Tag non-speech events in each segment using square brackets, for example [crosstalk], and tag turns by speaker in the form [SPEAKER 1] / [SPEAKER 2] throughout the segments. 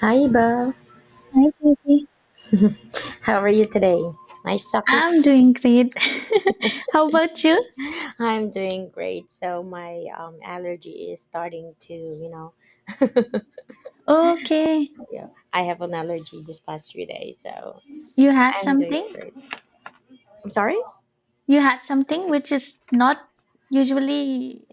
[SPEAKER 1] Hi, Bob.
[SPEAKER 2] Hi, Jyoti.
[SPEAKER 1] How are you today? Nice talking.
[SPEAKER 2] I'm doing great. [laughs] How about you?
[SPEAKER 1] I'm doing great. So my allergy is starting to,
[SPEAKER 2] Okay.
[SPEAKER 1] yeah, I have an allergy this past few days. So
[SPEAKER 2] You had
[SPEAKER 1] I'm doing
[SPEAKER 2] something?
[SPEAKER 1] great. I'm sorry.
[SPEAKER 2] You had something which is not usually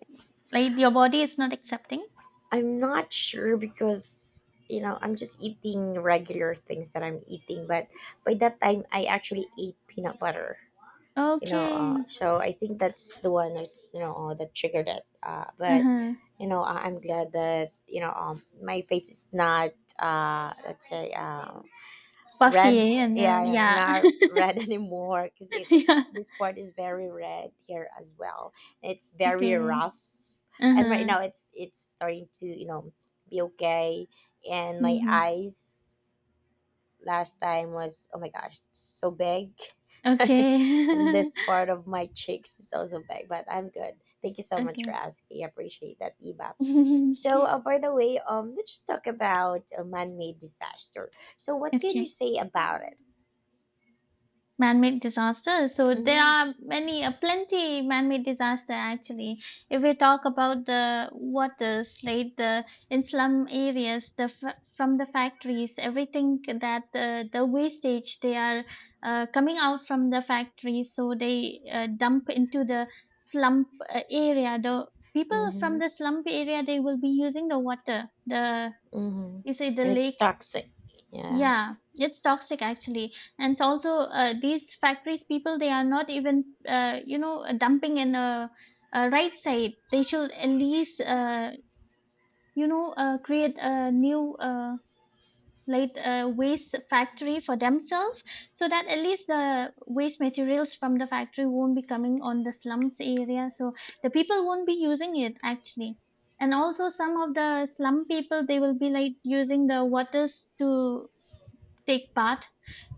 [SPEAKER 2] like your body is not accepting?
[SPEAKER 1] I'm not sure because you know I'm just eating regular things that I'm eating, but by that time I actually ate peanut butter.
[SPEAKER 2] Okay.
[SPEAKER 1] So I think that's the one that that triggered it, but
[SPEAKER 2] Uh-huh.
[SPEAKER 1] you know I'm glad that my face is not let's say,
[SPEAKER 2] Puffy
[SPEAKER 1] red.
[SPEAKER 2] eh? And then
[SPEAKER 1] Yeah,
[SPEAKER 2] yeah.
[SPEAKER 1] not red [laughs] anymore because
[SPEAKER 2] [laughs]
[SPEAKER 1] it,
[SPEAKER 2] yeah.
[SPEAKER 1] this part is very red here as well. It's very
[SPEAKER 2] Okay.
[SPEAKER 1] rough, and right
[SPEAKER 2] Uh-huh.
[SPEAKER 1] now it's starting to you know be okay. And my
[SPEAKER 2] Mm-hmm.
[SPEAKER 1] eyes last time was, oh my gosh, so big.
[SPEAKER 2] Okay.
[SPEAKER 1] [laughs] And this part of my cheeks is also big, but I'm good. Thank you so
[SPEAKER 2] [laughs]
[SPEAKER 1] much for
[SPEAKER 2] okay.
[SPEAKER 1] asking, I appreciate that, Iba.
[SPEAKER 2] [laughs]
[SPEAKER 1] So by the way, um, let's just talk about a man-made disaster. So what can you
[SPEAKER 2] okay.
[SPEAKER 1] say about it?
[SPEAKER 2] Man-made disasters, so there
[SPEAKER 1] Mm-hmm.
[SPEAKER 2] are many plenty man-made disaster actually. If we talk about the waters, like the in slum areas, the from the factories, everything that the wastage they are coming out from the factories, so they dump into the slum area. The people from
[SPEAKER 1] Mm-hmm.
[SPEAKER 2] the slum area, they will be using the water, the,
[SPEAKER 1] Mm-hmm.
[SPEAKER 2] you say, the
[SPEAKER 1] And it's
[SPEAKER 2] lake.
[SPEAKER 1] toxic. Yeah.
[SPEAKER 2] Yeah, it's toxic actually. And also, these factories people, they are not even, you know, dumping in a right side. They should at least, you know, create a new, like, waste factory for themselves, so that at least the waste materials from the factory won't be coming on the slums area. So the people won't be using it actually. And also, some of the slum people, they will be like using the waters to take bath,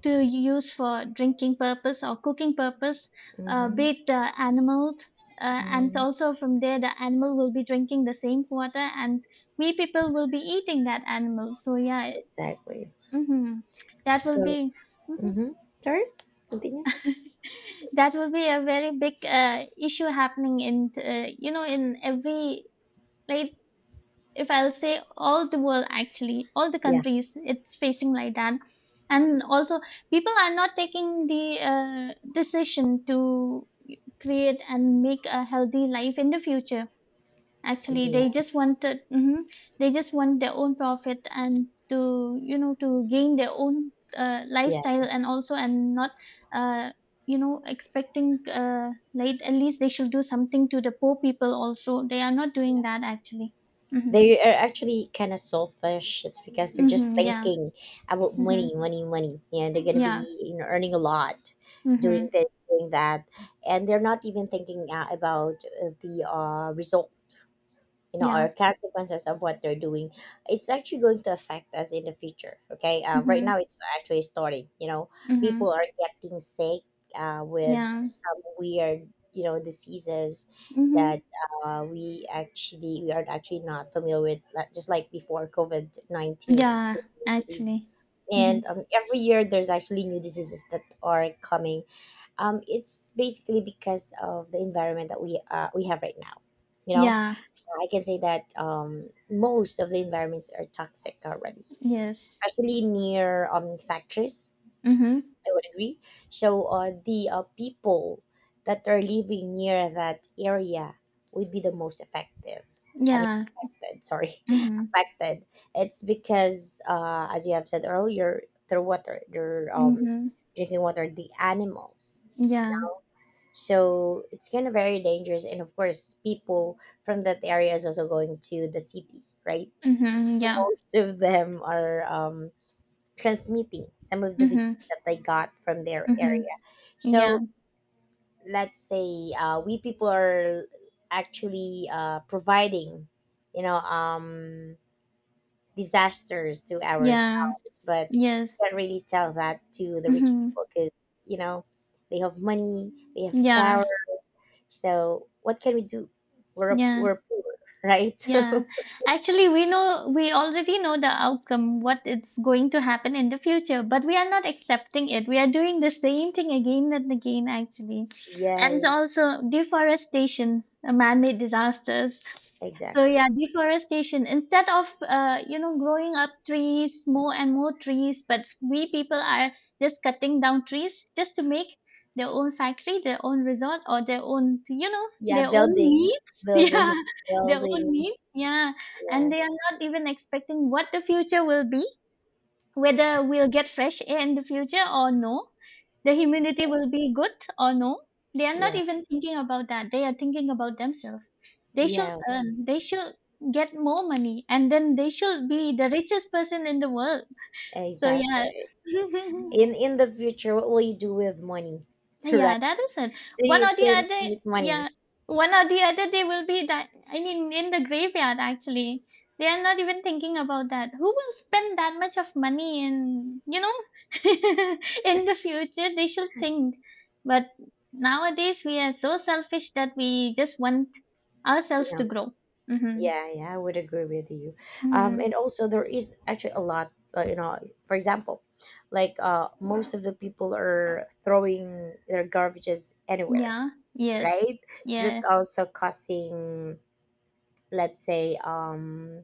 [SPEAKER 2] to use for drinking purpose or cooking purpose,
[SPEAKER 1] Mm-hmm,
[SPEAKER 2] with the animal. And
[SPEAKER 1] mm,
[SPEAKER 2] also from there, the animal will be drinking the same water, and we people will be eating that animal. So yeah.
[SPEAKER 1] exactly.
[SPEAKER 2] Hmm, that will
[SPEAKER 1] So,
[SPEAKER 2] be. Mhm.
[SPEAKER 1] mm-hmm, sorry, continue.
[SPEAKER 2] [laughs] That will be a very big issue happening in, you know, in every like. If I'll say all the world actually, all the
[SPEAKER 1] Yeah.
[SPEAKER 2] countries, it's facing like that. And also, people are not taking the decision to create and make a healthy life in the future. Actually, they
[SPEAKER 1] Yeah.
[SPEAKER 2] just want to, they just want their own profit and to, you know, to gain their own
[SPEAKER 1] Yeah.
[SPEAKER 2] lifestyle, and also and not uh, you know expecting, like at least they should do something to the poor people also. They are not doing
[SPEAKER 1] Yeah.
[SPEAKER 2] that actually. Mhm.
[SPEAKER 1] They are actually kind of selfish. It's because they're just
[SPEAKER 2] Mhm, yeah.
[SPEAKER 1] thinking about money,
[SPEAKER 2] Mhm.
[SPEAKER 1] money, money. Yeah, they're gonna
[SPEAKER 2] Yeah.
[SPEAKER 1] be you know earning a lot, doing
[SPEAKER 2] Mhm.
[SPEAKER 1] this, doing that, and they're not even thinking about the result, you know,
[SPEAKER 2] Yeah.
[SPEAKER 1] or consequences of what they're doing. It's actually going to affect us in the future. Okay, right
[SPEAKER 2] Mhm.
[SPEAKER 1] now it's actually starting, you know,
[SPEAKER 2] Mhm.
[SPEAKER 1] people are getting sick with
[SPEAKER 2] Yeah.
[SPEAKER 1] some weird you know diseases
[SPEAKER 2] Mhm.
[SPEAKER 1] that we are actually not familiar with, like- just like before covid-19. It's
[SPEAKER 2] Yeah,
[SPEAKER 1] disease,
[SPEAKER 2] actually.
[SPEAKER 1] and
[SPEAKER 2] Mhm.
[SPEAKER 1] every year there's actually new diseases that are coming. Um, it's basically because of the environment that we have right now, you know.
[SPEAKER 2] Yeah.
[SPEAKER 1] I can say that most of the environments are toxic already,
[SPEAKER 2] Yes.
[SPEAKER 1] especially near factories.
[SPEAKER 2] Mhm.
[SPEAKER 1] I would agree. So the people that are living near that area would be the most effective. I mean,
[SPEAKER 2] Yeah.
[SPEAKER 1] affected, sorry, [laughs]
[SPEAKER 2] Mhm.
[SPEAKER 1] affected. It's because, as you have said earlier, their water, their
[SPEAKER 2] Mhm.
[SPEAKER 1] drinking water, the animals.
[SPEAKER 2] Yeah.
[SPEAKER 1] So it's kind of very dangerous. And of course, people from that area is also going to the city, right?
[SPEAKER 2] Mhm.
[SPEAKER 1] So
[SPEAKER 2] Yeah.
[SPEAKER 1] most of them are transmitting some of the
[SPEAKER 2] Mhm.
[SPEAKER 1] disease that they got from their
[SPEAKER 2] Mhm.
[SPEAKER 1] area.
[SPEAKER 2] Yeah.
[SPEAKER 1] So let's say, we people are actually providing, you know, disasters to
[SPEAKER 2] Yeah.
[SPEAKER 1] ourselves, but you
[SPEAKER 2] Yes.
[SPEAKER 1] can't really tell that to the rich
[SPEAKER 2] Mhm.
[SPEAKER 1] people because, you know, they have money, they have
[SPEAKER 2] Yeah.
[SPEAKER 1] power. So what can we do? We're
[SPEAKER 2] Yeah.
[SPEAKER 1] we're poor, right? [laughs]
[SPEAKER 2] Yeah, actually, we know, we already know the outcome, what it's going to happen in the future, but we are not accepting it. We are doing the same thing again and again, actually.
[SPEAKER 1] Yeah,
[SPEAKER 2] And
[SPEAKER 1] yeah,
[SPEAKER 2] also, deforestation, man made disasters. So
[SPEAKER 1] exactly.
[SPEAKER 2] yeah, deforestation. Instead of, you know, growing up trees, more and more trees, but we people are just cutting down trees just to make their own factory, their own resort, or their own, you know,
[SPEAKER 1] Yeah,
[SPEAKER 2] their own
[SPEAKER 1] building,
[SPEAKER 2] needs. [laughs] Yeah,
[SPEAKER 1] building,
[SPEAKER 2] their own
[SPEAKER 1] building.
[SPEAKER 2] needs. Yeah,
[SPEAKER 1] Yeah,
[SPEAKER 2] and they are not even expecting what the future will be, whether we'll get fresh air in the future or no, the humidity will be good or no. They are not
[SPEAKER 1] yeah,
[SPEAKER 2] even thinking about that. They are thinking about themselves. They should
[SPEAKER 1] yeah,
[SPEAKER 2] earn, they should get more money, and then they should be the richest person in the world. So, yeah.
[SPEAKER 1] exactly.
[SPEAKER 2] [laughs]
[SPEAKER 1] In the future, what will you do with money, [laughs]
[SPEAKER 2] Yeah,
[SPEAKER 1] right?
[SPEAKER 2] that is it.
[SPEAKER 1] So
[SPEAKER 2] One
[SPEAKER 1] you
[SPEAKER 2] or the
[SPEAKER 1] can
[SPEAKER 2] other,
[SPEAKER 1] make money.
[SPEAKER 2] yeah, one or the other, they will be that. I mean, in the graveyard, actually. They are not even thinking about that. Who will spend that much of money in, you know, [laughs] in the future? They should think. But nowadays, we are so selfish that we just want
[SPEAKER 1] You
[SPEAKER 2] ourselves
[SPEAKER 1] know.
[SPEAKER 2] to grow. Mm-hmm.
[SPEAKER 1] Yeah, yeah, I would agree with you.
[SPEAKER 2] Mm-hmm.
[SPEAKER 1] And also there is actually a lot. You know, for example, like most of the people are throwing their garbages anywhere,
[SPEAKER 2] Yeah. Yes.
[SPEAKER 1] right? So
[SPEAKER 2] Yeah.
[SPEAKER 1] that's also causing, let's say,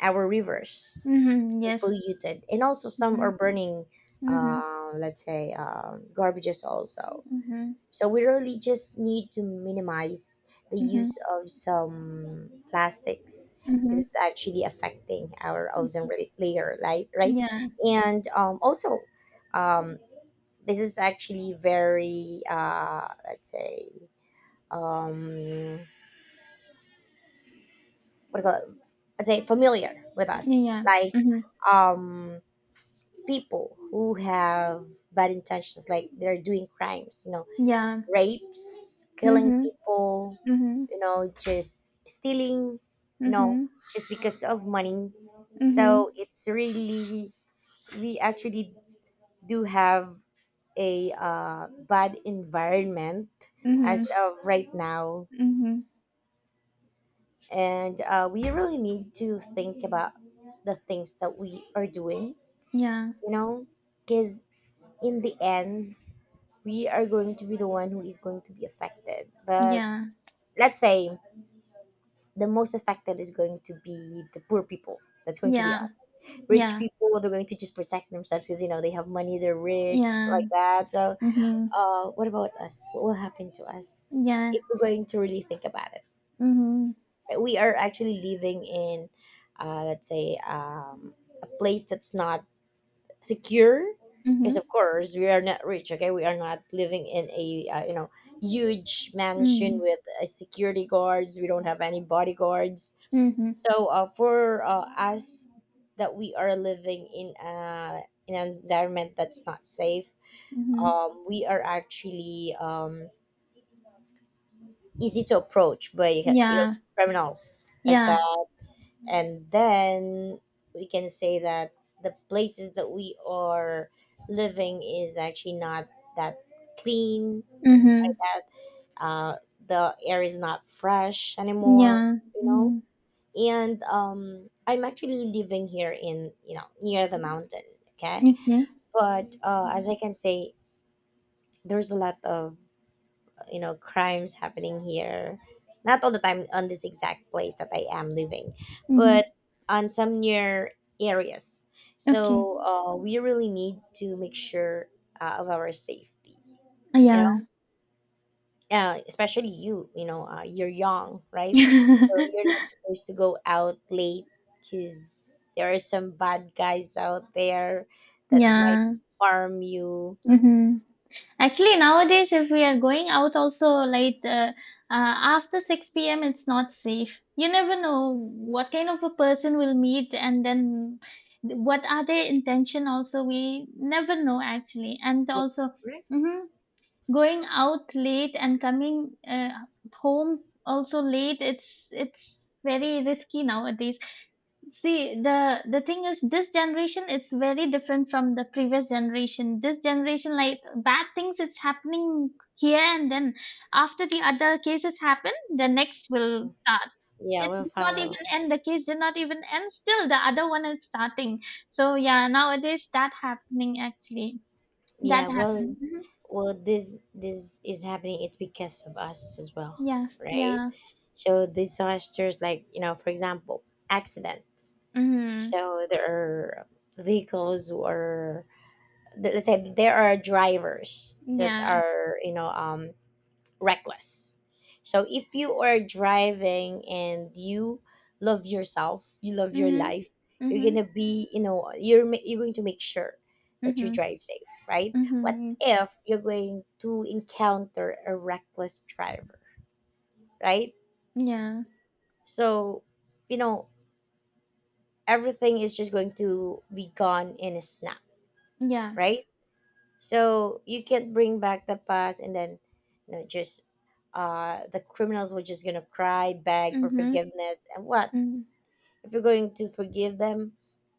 [SPEAKER 1] our rivers to
[SPEAKER 2] Mm-hmm.
[SPEAKER 1] be
[SPEAKER 2] Yes.
[SPEAKER 1] polluted, and also some
[SPEAKER 2] Mm-hmm.
[SPEAKER 1] are burning,
[SPEAKER 2] Mm-hmm.
[SPEAKER 1] let's say, garbages also.
[SPEAKER 2] Mm-hmm.
[SPEAKER 1] So we really just need to minimize the
[SPEAKER 2] Mm-hmm.
[SPEAKER 1] use of some plastics.
[SPEAKER 2] Mm-hmm.
[SPEAKER 1] Because it's actually affecting our ozone layer, right? Right,
[SPEAKER 2] Yeah.
[SPEAKER 1] and also, um, this is actually very, let's say, um, what do you call it? I'd say familiar with us,
[SPEAKER 2] Yeah.
[SPEAKER 1] like
[SPEAKER 2] Mhm.
[SPEAKER 1] um, people who have bad intentions, like they're doing crimes, you know,
[SPEAKER 2] Yeah.
[SPEAKER 1] rapes, killing
[SPEAKER 2] Mhm.
[SPEAKER 1] people,
[SPEAKER 2] Mhm.
[SPEAKER 1] you know, just stealing, you know,
[SPEAKER 2] Mhm.
[SPEAKER 1] just because of money.
[SPEAKER 2] Mhm.
[SPEAKER 1] So it's really, we actually do have a bad environment as
[SPEAKER 2] Mhm.
[SPEAKER 1] of right now,
[SPEAKER 2] Mhm.
[SPEAKER 1] and we really need to think about the things that we are doing,
[SPEAKER 2] Yeah.
[SPEAKER 1] you know, because in the end we are going to be the one who is going to be affected. But
[SPEAKER 2] Yeah.
[SPEAKER 1] let's say the most affected is going to be the poor people, that's going to be
[SPEAKER 2] Yeah.
[SPEAKER 1] us. Rich
[SPEAKER 2] Yeah.
[SPEAKER 1] people, they're going to just protect themselves because you know they have money, they're rich, like
[SPEAKER 2] Yeah.
[SPEAKER 1] that. So
[SPEAKER 2] Mhm.
[SPEAKER 1] what about us? What will happen to us?
[SPEAKER 2] Yeah.
[SPEAKER 1] If we're going to really think about it,
[SPEAKER 2] Mhm.
[SPEAKER 1] we are actually living in let's say a place that's not secure, because of
[SPEAKER 2] Mhm.
[SPEAKER 1] course we are not rich. Okay, we are not living in a you know huge mansion
[SPEAKER 2] Mm.
[SPEAKER 1] with security guards, we don't have any bodyguards.
[SPEAKER 2] Mhm.
[SPEAKER 1] So for us, that we are living in in an environment that's not safe,
[SPEAKER 2] Mhm.
[SPEAKER 1] we are actually easy to approach by you know
[SPEAKER 2] Yeah.
[SPEAKER 1] criminals like
[SPEAKER 2] Yeah.
[SPEAKER 1] that. And then we can say that the places that we are living is actually not that clean,
[SPEAKER 2] Mhm.
[SPEAKER 1] that uh, the air is not fresh anymore,
[SPEAKER 2] Yeah.
[SPEAKER 1] you know.
[SPEAKER 2] Mhm.
[SPEAKER 1] And I'm actually living here in you know near the mountain, okay?
[SPEAKER 2] Okay.
[SPEAKER 1] But as I can say, there's a lot of you know crimes happening here, not all the time on this exact place that I am living,
[SPEAKER 2] Mhm.
[SPEAKER 1] but on some near areas.
[SPEAKER 2] Okay.
[SPEAKER 1] So we really need to make sure of our safety, you
[SPEAKER 2] Yeah.
[SPEAKER 1] know, especially you, you know, you're young, right? So you're
[SPEAKER 2] [laughs]
[SPEAKER 1] not supposed to go out late because there are some bad guys out there that might
[SPEAKER 2] yeah.
[SPEAKER 1] harm you.
[SPEAKER 2] Mhm. Actually, nowadays, if we are going out also like after 6 p.m., it's not safe. You never know what kind of a person will meet, and then what are their intention also. We never know actually. And
[SPEAKER 1] Yeah,
[SPEAKER 2] also,
[SPEAKER 1] right.
[SPEAKER 2] mhm, going out late and coming home also late, it's very risky nowadays. See, the thing is, this generation it's very different from the previous generation. This generation, like bad things, it's happening here and then. After the other cases happen, the next will start.
[SPEAKER 1] Yeah,
[SPEAKER 2] It
[SPEAKER 1] we'll
[SPEAKER 2] did not
[SPEAKER 1] follow.
[SPEAKER 2] even end. The case did not even end. Still, the other one is starting. So yeah, nowadays that happening actually. That
[SPEAKER 1] Yeah, well,
[SPEAKER 2] happened. Hmm.
[SPEAKER 1] well, this is happening. It's because of us as well,
[SPEAKER 2] Yeah,
[SPEAKER 1] right?
[SPEAKER 2] yeah.
[SPEAKER 1] So disasters, like you know, for example, accidents.
[SPEAKER 2] Mm-hmm.
[SPEAKER 1] So there are vehicles or let's say there are drivers that
[SPEAKER 2] Yeah.
[SPEAKER 1] are you know reckless. So if you are driving and you love yourself, you love your
[SPEAKER 2] Mm-hmm.
[SPEAKER 1] life, you're
[SPEAKER 2] Mm-hmm.
[SPEAKER 1] gonna be, you know, you're going to make sure that you
[SPEAKER 2] Mm-hmm.
[SPEAKER 1] drive safe, right? What
[SPEAKER 2] Mm-hmm.
[SPEAKER 1] if you're going to encounter a reckless driver, right?
[SPEAKER 2] Yeah.
[SPEAKER 1] So, you know, everything is just going to be gone in a snap,
[SPEAKER 2] Yeah.
[SPEAKER 1] right? So you can't bring back the past, and then you know just the criminals were just gonna cry, beg for
[SPEAKER 2] Mm-hmm.
[SPEAKER 1] forgiveness, and what
[SPEAKER 2] Mm-hmm.
[SPEAKER 1] if you're going to forgive them,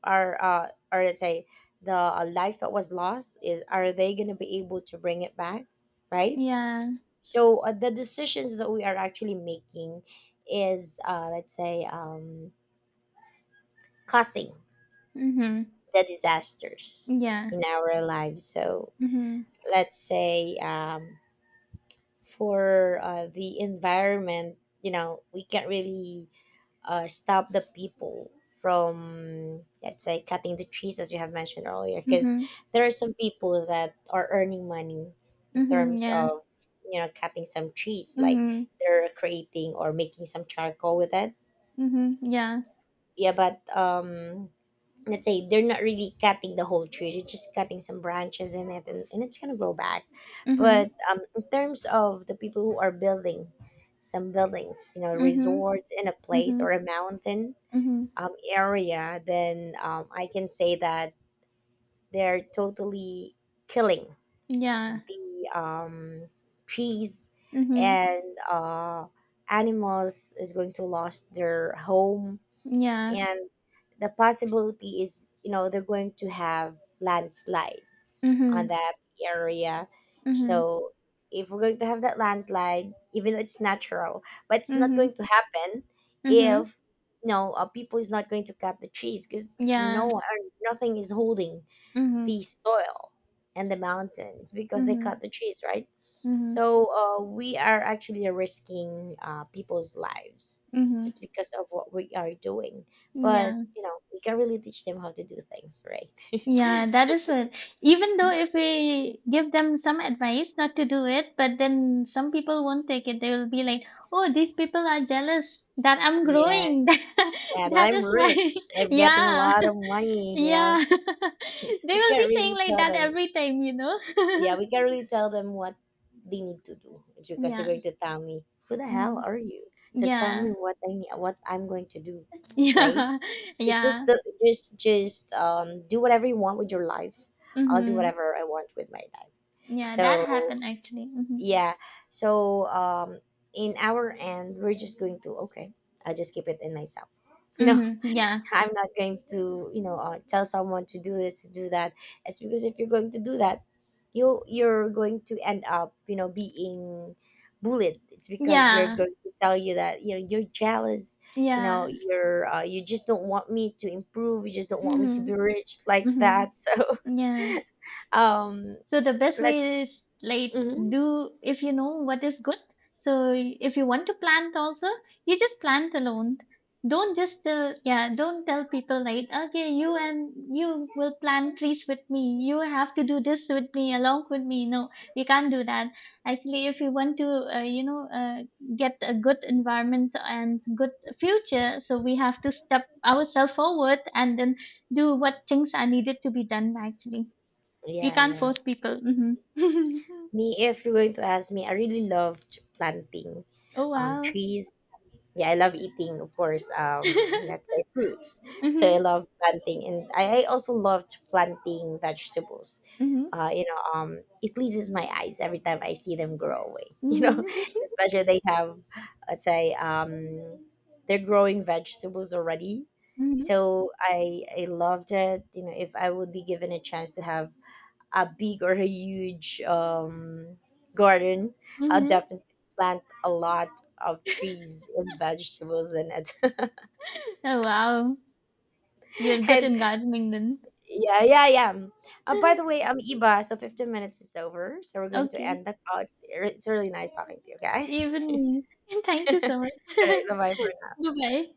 [SPEAKER 1] or let's say the life that was lost, is are they gonna be able to bring it back, right?
[SPEAKER 2] Yeah.
[SPEAKER 1] So the decisions that we are actually making is let's say causing
[SPEAKER 2] Mhm.
[SPEAKER 1] the disasters
[SPEAKER 2] Yeah.
[SPEAKER 1] in our lives. So
[SPEAKER 2] Mhm.
[SPEAKER 1] let's say. For the environment, you know we can't really stop the people from let's say cutting the trees as you have mentioned earlier, because
[SPEAKER 2] Mhm.
[SPEAKER 1] there are some people that are earning money in
[SPEAKER 2] Mhm.
[SPEAKER 1] terms
[SPEAKER 2] Yeah.
[SPEAKER 1] of you know cutting some trees, like
[SPEAKER 2] Mhm.
[SPEAKER 1] they're creating or making some charcoal with it.
[SPEAKER 2] Mhm. Yeah.
[SPEAKER 1] Yeah, but um, let's say they're not really cutting the whole tree, they're just cutting some branches in it, and it's gonna grow back. But
[SPEAKER 2] Mhm.
[SPEAKER 1] in terms of the people who are building some buildings, you know,
[SPEAKER 2] Mhm.
[SPEAKER 1] resorts in a place
[SPEAKER 2] Mhm.
[SPEAKER 1] or a mountain
[SPEAKER 2] Mhm.
[SPEAKER 1] area, then I can say that they're totally killing
[SPEAKER 2] Yeah.
[SPEAKER 1] the trees,
[SPEAKER 2] Mhm.
[SPEAKER 1] and animals is going to lose their home,
[SPEAKER 2] Yeah.
[SPEAKER 1] and the possibility is you know they're going to have landslide on
[SPEAKER 2] Mhm.
[SPEAKER 1] that area.
[SPEAKER 2] Mhm.
[SPEAKER 1] So if we're going to have that landslide, even though it's natural, but it's not
[SPEAKER 2] Mhm.
[SPEAKER 1] going to happen
[SPEAKER 2] Mhm.
[SPEAKER 1] if, no, know people is not going to cut the trees, because
[SPEAKER 2] Yeah.
[SPEAKER 1] nothing is holding
[SPEAKER 2] Mhm.
[SPEAKER 1] the soil and the mountains because they
[SPEAKER 2] Mhm.
[SPEAKER 1] cut the trees, right?
[SPEAKER 2] Mhm.
[SPEAKER 1] So we are actually risking people's lives.
[SPEAKER 2] Mhm.
[SPEAKER 1] It's because of what we are doing. But
[SPEAKER 2] Yeah.
[SPEAKER 1] you know, we can really teach them how to do things, right? [laughs]
[SPEAKER 2] Yeah, that is it. Even though if we give them some advice not to do it, but then some people won't take it. They will be like, "Oh, these people are jealous that I'm
[SPEAKER 1] Yeah,
[SPEAKER 2] growing. [laughs]
[SPEAKER 1] yeah. But
[SPEAKER 2] That
[SPEAKER 1] I'm
[SPEAKER 2] is why."
[SPEAKER 1] rich.
[SPEAKER 2] [laughs]
[SPEAKER 1] I'm getting a
[SPEAKER 2] Yeah,
[SPEAKER 1] lot of
[SPEAKER 2] [laughs]
[SPEAKER 1] money. You know,
[SPEAKER 2] yeah. [laughs]
[SPEAKER 1] [laughs]
[SPEAKER 2] They
[SPEAKER 1] we
[SPEAKER 2] will be
[SPEAKER 1] can't
[SPEAKER 2] saying
[SPEAKER 1] really
[SPEAKER 2] like
[SPEAKER 1] tell
[SPEAKER 2] that
[SPEAKER 1] them,
[SPEAKER 2] every time, you know.
[SPEAKER 1] yeah, we can't really tell them what they need to do. It's because they're
[SPEAKER 2] [laughs] Yeah.
[SPEAKER 1] going to tell me, "Who the hell
[SPEAKER 2] Hmm.
[SPEAKER 1] are you to tell me
[SPEAKER 2] Yeah.
[SPEAKER 1] what what I'm going to do?"
[SPEAKER 2] [laughs]
[SPEAKER 1] Right?
[SPEAKER 2] Yeah.
[SPEAKER 1] So just
[SPEAKER 2] Yeah.
[SPEAKER 1] just do whatever you want with your life. I'll do
[SPEAKER 2] Hmm.
[SPEAKER 1] whatever I want with my life.
[SPEAKER 2] Yeah, that
[SPEAKER 1] So
[SPEAKER 2] happened actually. Hmm.
[SPEAKER 1] yeah, so in our end, we're just going to, okay. I'll just keep it in myself. You know.
[SPEAKER 2] Hmm. Yeah.
[SPEAKER 1] I'm not going to, you know, tell someone to do this, to do that. It's because if you're going to do that, you're going to end up, you know, being bullied. It's because you're
[SPEAKER 2] Yeah.
[SPEAKER 1] going to tell you that you know you're jealous. You know,
[SPEAKER 2] Yeah.
[SPEAKER 1] you're you just don't want me to improve. You just don't want me to be
[SPEAKER 2] Hmm.
[SPEAKER 1] rich like
[SPEAKER 2] Hmm.
[SPEAKER 1] that. [laughs] So,
[SPEAKER 2] Yeah.
[SPEAKER 1] um,
[SPEAKER 2] So the best
[SPEAKER 1] let's.
[SPEAKER 2] way is like
[SPEAKER 1] Mhm.
[SPEAKER 2] do if you know what is good. So if you want to plant also, you just plant alone. Don't just tell, yeah, don't tell people like okay, you and you will plant trees with me. You have to do this with me along with me. No, we can't do that. Actually, if you want to, you know, get a good environment and good future, so we have to step ourselves forward and then do what things are needed to be done actually. You
[SPEAKER 1] Yeah,
[SPEAKER 2] can't
[SPEAKER 1] yeah.
[SPEAKER 2] force people. Mhm. [laughs]
[SPEAKER 1] Me, if you're going to ask me, I really loved planting
[SPEAKER 2] Oh, wow.
[SPEAKER 1] trees. Yeah, I love eating, of course, let's
[SPEAKER 2] [laughs]
[SPEAKER 1] say fruits. So I
[SPEAKER 2] Mhm,
[SPEAKER 1] love planting, and I also loved planting vegetables.
[SPEAKER 2] mhm,
[SPEAKER 1] You know, it pleases my eyes every time I see them grow away. [laughs] You know,
[SPEAKER 2] mhm,
[SPEAKER 1] especially they have, let's say, they're growing vegetables already.
[SPEAKER 2] mhm,
[SPEAKER 1] So I loved it. You know, if I would be given a chance to have a big or a huge garden, I'll
[SPEAKER 2] mhm.
[SPEAKER 1] definitely plant a lot of trees and vegetables in it.
[SPEAKER 2] Oh, wow. You're
[SPEAKER 1] [laughs]
[SPEAKER 2] good
[SPEAKER 1] And
[SPEAKER 2] in gardening then.
[SPEAKER 1] yeah, yeah, yeah. By the way,
[SPEAKER 2] [laughs]
[SPEAKER 1] I'm Iba, so 15 minutes is over. So we're going to
[SPEAKER 2] Okay.
[SPEAKER 1] end the call. It's really nice talking to you, okay?
[SPEAKER 2] Even me. [laughs] Thank you so much. [laughs]
[SPEAKER 1] [laughs] All right, bye bye.
[SPEAKER 2] Bye-bye.